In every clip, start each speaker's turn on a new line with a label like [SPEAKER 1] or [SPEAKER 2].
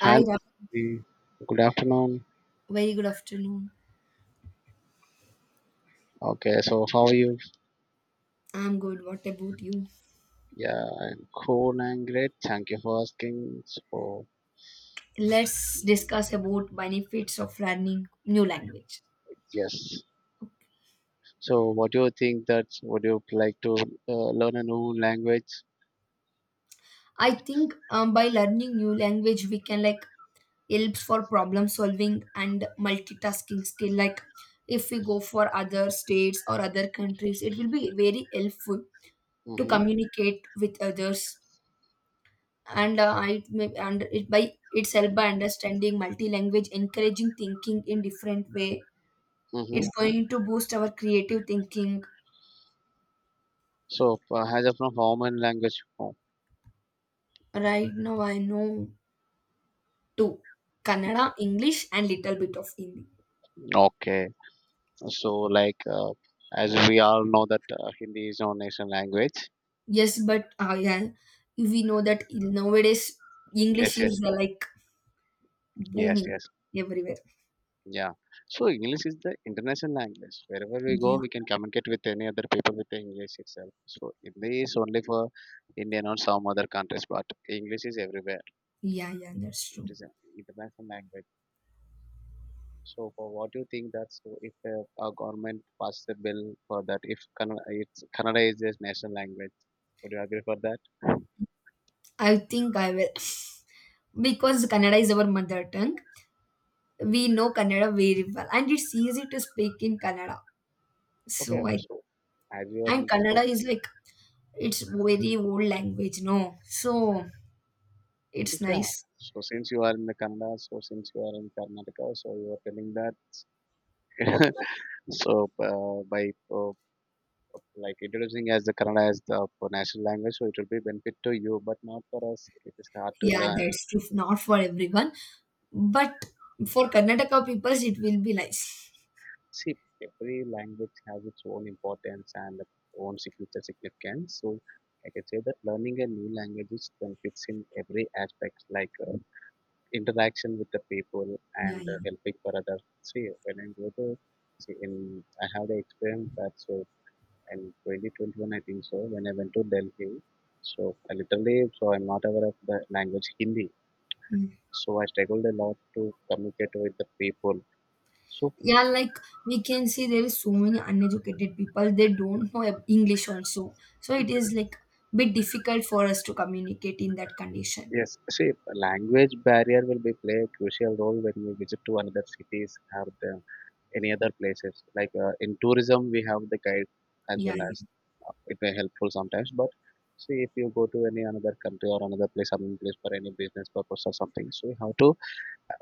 [SPEAKER 1] Hi,
[SPEAKER 2] Hello,
[SPEAKER 1] Ra-
[SPEAKER 2] good afternoon.
[SPEAKER 1] very good afternoon.
[SPEAKER 2] Okay, so how are you?
[SPEAKER 1] I'm good. What about you?
[SPEAKER 2] Yeah, I'm cool and great. Thank you for asking. So,
[SPEAKER 1] Let's discuss about benefits of learning new language.
[SPEAKER 2] yes. So, what do you think that would you like to learn a new language?
[SPEAKER 1] I think by learning new language, we can like helps for problem solving and multitasking skill. Like if we go for other states or other countries, it will be very helpful to
[SPEAKER 2] Mm-hmm.
[SPEAKER 1] communicate with others. And it by itself by understanding multi language, encouraging thinking in different way.
[SPEAKER 2] Mm-hmm.
[SPEAKER 1] It's going to boost our creative thinking.
[SPEAKER 2] So, as of now, common language. Oh,
[SPEAKER 1] Right now, I know two Kannada, English, and little bit of Hindi.
[SPEAKER 2] okay. So, like, as we all know that Hindi is our national language.
[SPEAKER 1] Yes, but yeah, we know that nowadays English
[SPEAKER 2] Yes, yes,
[SPEAKER 1] is like
[SPEAKER 2] yes,
[SPEAKER 1] booming
[SPEAKER 2] yes.
[SPEAKER 1] everywhere.
[SPEAKER 2] Yeah. So English is the international language. Wherever we go,
[SPEAKER 1] Yeah,
[SPEAKER 2] we can communicate with any other people with the English itself. So English is only for Indian or some other countries, but English is everywhere.
[SPEAKER 1] yeah, yeah, that's
[SPEAKER 2] It
[SPEAKER 1] true.
[SPEAKER 2] is an international language. So for what do you think that so if our government passes a bill for that, if Kannada, Kannada is their national language, would you agree for that?
[SPEAKER 1] I think I will because Kannada is our mother tongue. We know Kannada very well, and it's easy to speak in Kannada.
[SPEAKER 2] Okay.
[SPEAKER 1] So I
[SPEAKER 2] So as you are
[SPEAKER 1] and
[SPEAKER 2] in-
[SPEAKER 1] Kannada
[SPEAKER 2] so
[SPEAKER 1] is like it's very old language, no? So it's
[SPEAKER 2] yeah.
[SPEAKER 1] nice.
[SPEAKER 2] So since you are in the Kannada, so since you are in Karnataka, so you are telling that so by like introducing as the Kannada as the national language, so it will be benefit to you, but not for us. It is hard to
[SPEAKER 1] Yeah,
[SPEAKER 2] learn.
[SPEAKER 1] that's true. Not for everyone, but for Karnataka people, it will be nice.
[SPEAKER 2] See, every language has its own importance and its own signature significance. So I can say that learning a new language is benefits in every aspect, like interaction with the people
[SPEAKER 1] Yeah,
[SPEAKER 2] and
[SPEAKER 1] yeah.
[SPEAKER 2] helping for others. See, when I go to see in, I have the experience that so in 2021, I think so, when I went to Delhi. So I literally, so I'm not aware of the language Hindi.
[SPEAKER 1] Mm.
[SPEAKER 2] So I struggled a lot to communicate with the people. So
[SPEAKER 1] Yeah, like we can see there is so many uneducated people. They don't know ab- English also. So it is like bit difficult for us to communicate in that condition.
[SPEAKER 2] yes, see, language barrier will be play a crucial role when we visit to another cities or the, any other places. Like in tourism, we have the guide as
[SPEAKER 1] Yeah,
[SPEAKER 2] well
[SPEAKER 1] yeah.
[SPEAKER 2] as it may helpful sometimes. But see, if you go to any another country or another place, some place for any business purpose or something, so you have to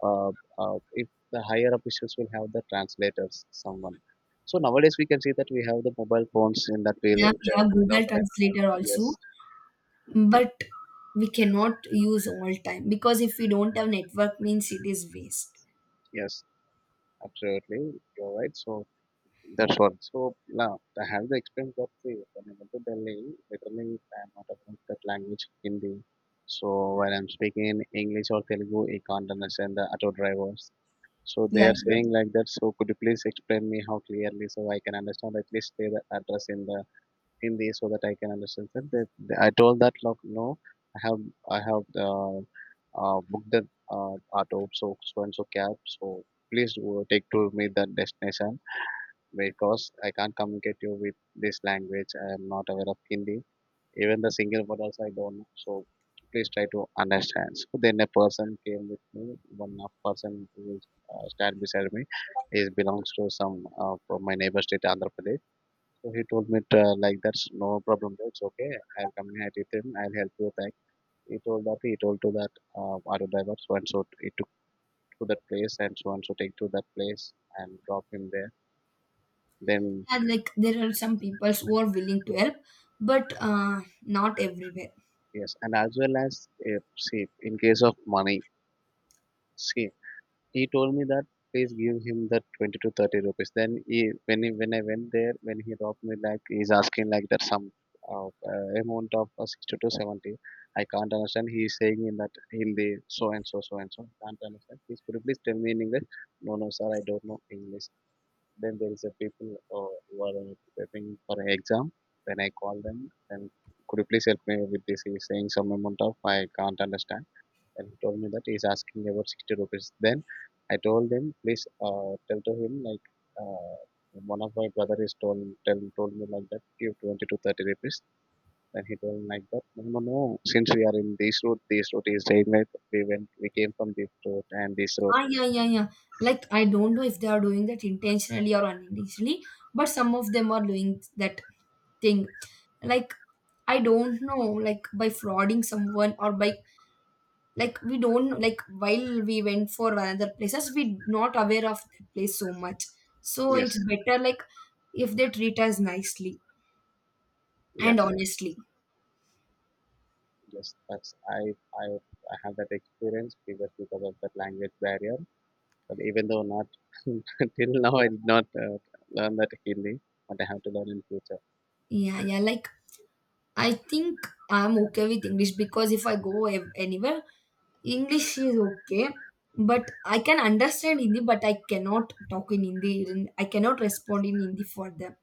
[SPEAKER 2] uh, if the higher officials will have the translators, someone. So nowadays we can see that we have the mobile phones in that we.
[SPEAKER 1] Yeah, we have Google Translator also,
[SPEAKER 2] Yes,
[SPEAKER 1] but we cannot use all time because if we don't have network means it is waste.
[SPEAKER 2] yes, absolutely. You're right. So that's what. So now I have the experience of the when I went to Delhi, literally I'm not aware of that language Hindi. So when I'm speaking in English or Telugu, I can't understand the auto drivers. So they
[SPEAKER 1] Yeah.
[SPEAKER 2] are saying like that. So could you please explain me how clearly so I can understand at least say the address in the in this so that I can understand that, I told that look no I have I have booked the auto so so and so cab so please take to me that destination because I can't communicate you with this language I am not aware of Hindi even the single word also I don't know so please try to understand so then a person came with me one of person who is, stand beside me is belongs to some from my neighbor state Andhra Pradesh so he told me to, like that's no problem, bro. It's okay. I'll communicate with him. I'll help you. Thank. He told that he told to that auto driver so and so he took to that place and so take to that place and drop him there. Then
[SPEAKER 1] Yeah, like there are some people who are willing to help, but not everywhere.
[SPEAKER 2] yes, and as well as if see in case of money, see he told me that please give him that 20 to 30 rupees then he when I went there when he robbed me like he's asking like that some amount of 60 to 70 I can't understand he's saying in that Hindi so and so can't understand please could you please tell me in English no, no, sir, I don't know English. Then there is a people who are preparing for an exam then I call them then could you please help me with this he's saying some amount of I can't understand and he told me that he's asking about 60 rupees. Then I told him, please tell to him like uh, one of my brother is told told me like that give 20 to 30 rupees. Then he told me like that no, no, no, since we are in this route is saying that we came from this route and this route.
[SPEAKER 1] Ah, yeah, yeah, yeah. Like I don't know if they are doing that intentionally or unintentionally, but some of them are doing that thing. Like I don't know, like by frauding someone or by like we don't know, like while we went for another places, we not aware of that place so much. So it's
[SPEAKER 2] Yes.
[SPEAKER 1] better like if they treat us nicely
[SPEAKER 2] Yeah.
[SPEAKER 1] and honestly.
[SPEAKER 2] Yes. That's I I have that experience because of that language barrier. But even though not till now I did not learn that Hindi, but I have to learn in future.
[SPEAKER 1] Yeah, yeah. Like I think I'm okay with English because if I go ev- anywhere, English is okay. But I can understand Hindi, but I cannot talk in Hindi, and I cannot respond in Hindi for them.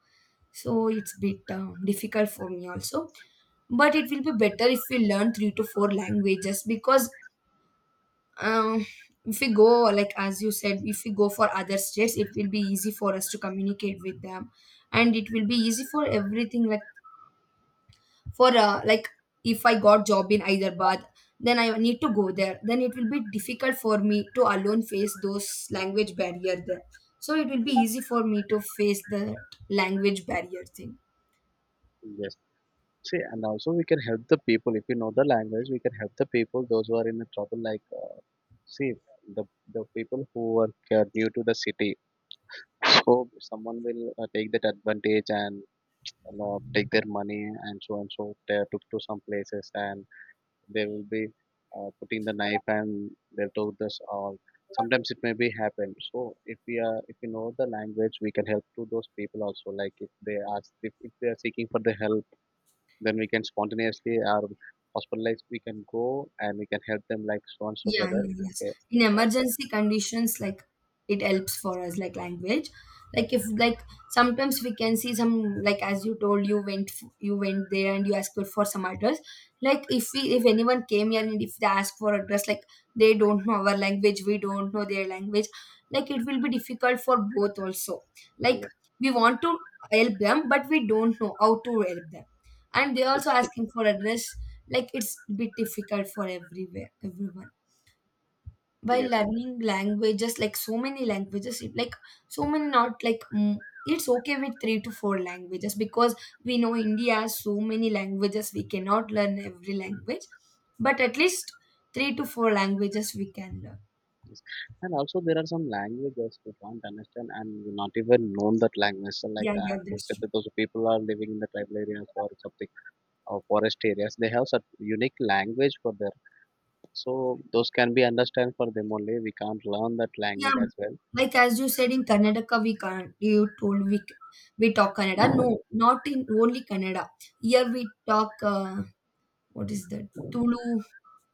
[SPEAKER 1] So it's bit difficult for me also. But it will be better if we learn three to four languages because um, if we go, like as you said, if we go for other states, it will be easy for us to communicate with them. And it will be easy for everything like for like if I got job in Hyderabad, then I need to go there, then it will be difficult for me to alone face those language barrier there, so it will be easy for me to face the language barrier thing.
[SPEAKER 2] Yes. See, and also we can help the people. If you know the language, we can help the people, those who are in the trouble. Like, see, the, the people who are new to the city. So someone will take that advantage and take their money and so they took to some places and they will be putting the knife and they took this all. Sometimes it may be happen. So if we are, if you know the language, we can help to those people also. Like if they ask, if they are seeking for the help then we can spontaneously or hospitalized we can go and we can help them like so and so
[SPEAKER 1] Yeah,
[SPEAKER 2] brother.
[SPEAKER 1] yeah, yes.
[SPEAKER 2] Okay.
[SPEAKER 1] In
[SPEAKER 2] Right.
[SPEAKER 1] emergency conditions, like it helps for us, like language. Like if like sometimes we can see some like as you told you went f- you went there and you asked for some address. Like if we if anyone came here and if they ask for address, like they don't know our language, we don't know their language. Like it will be difficult for both also. Like
[SPEAKER 2] Yes,
[SPEAKER 1] we want to help them, but we don't know how to help them, and they're also asking for address. Like it's a bit difficult for everywhere everyone by
[SPEAKER 2] yes,
[SPEAKER 1] learning languages like so many languages it- like so many not like mm, it's okay with three to four languages because we know India has so many languages we cannot learn every language but at least three to four languages we can learn.
[SPEAKER 2] yes, and also there are some languages we can't understand and we not even known that language so like
[SPEAKER 1] Yeah, yeah,
[SPEAKER 2] we
[SPEAKER 1] that's
[SPEAKER 2] said
[SPEAKER 1] true.
[SPEAKER 2] that those people are living in the tribal areas or something or forest areas they have such unique language for their so those can be understand for them only we can't learn that
[SPEAKER 1] Yeah,
[SPEAKER 2] language as well.
[SPEAKER 1] like as you said in Karnataka we can't you told we c- we talk Kannada no, not in only Kannada, here we talk what is that, Tulu.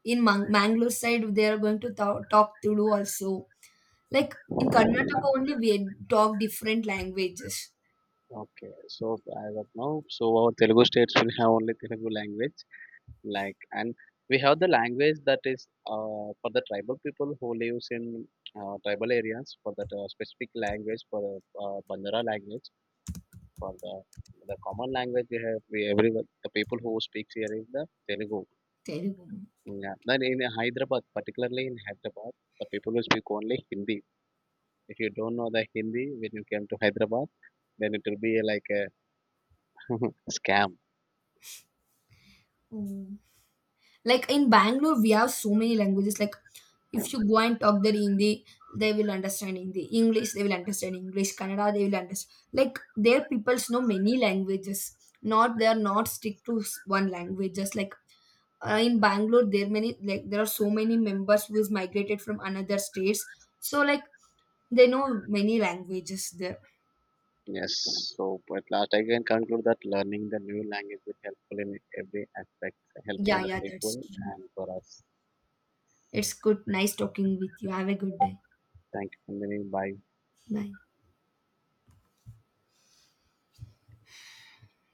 [SPEAKER 1] In Mangalore side, they are going to th- talk Tulu also. Like in Karnataka only, we talk different languages.
[SPEAKER 2] Okay, so as of now so our Telugu states will have only Telugu language like and we have the language that is for the tribal people who lives in tribal areas for that specific language for the Banjara language for the common language we have we everyone the people who speaks here is the Telugu.
[SPEAKER 1] Telugu.
[SPEAKER 2] Yeah. Then in Hyderabad, particularly in Hyderabad, the people who speak only Hindi. If you don't know the Hindi when you came to Hyderabad, then it will be like a scam.
[SPEAKER 1] Mm. Like in Bangalore, we have so many languages. Like if you go and talk their Hindi, they will understand Hindi. English, they will understand English. Kannada, they will understand. Like their peoples know many languages. Not they are not stick to s- one language. Just like in Bangalore, there many like there are so many members who is migrated from another states. So like they know many languages there.
[SPEAKER 2] Yes, so at last I can conclude that learning the new language is helpful in every aspect, helping
[SPEAKER 1] Yeah,
[SPEAKER 2] the
[SPEAKER 1] yeah, that's
[SPEAKER 2] people
[SPEAKER 1] true.
[SPEAKER 2] and for us.
[SPEAKER 1] It's good. Nice talking with you. Have a good day.
[SPEAKER 2] Thank you, Nandini. Bye.
[SPEAKER 1] Bye.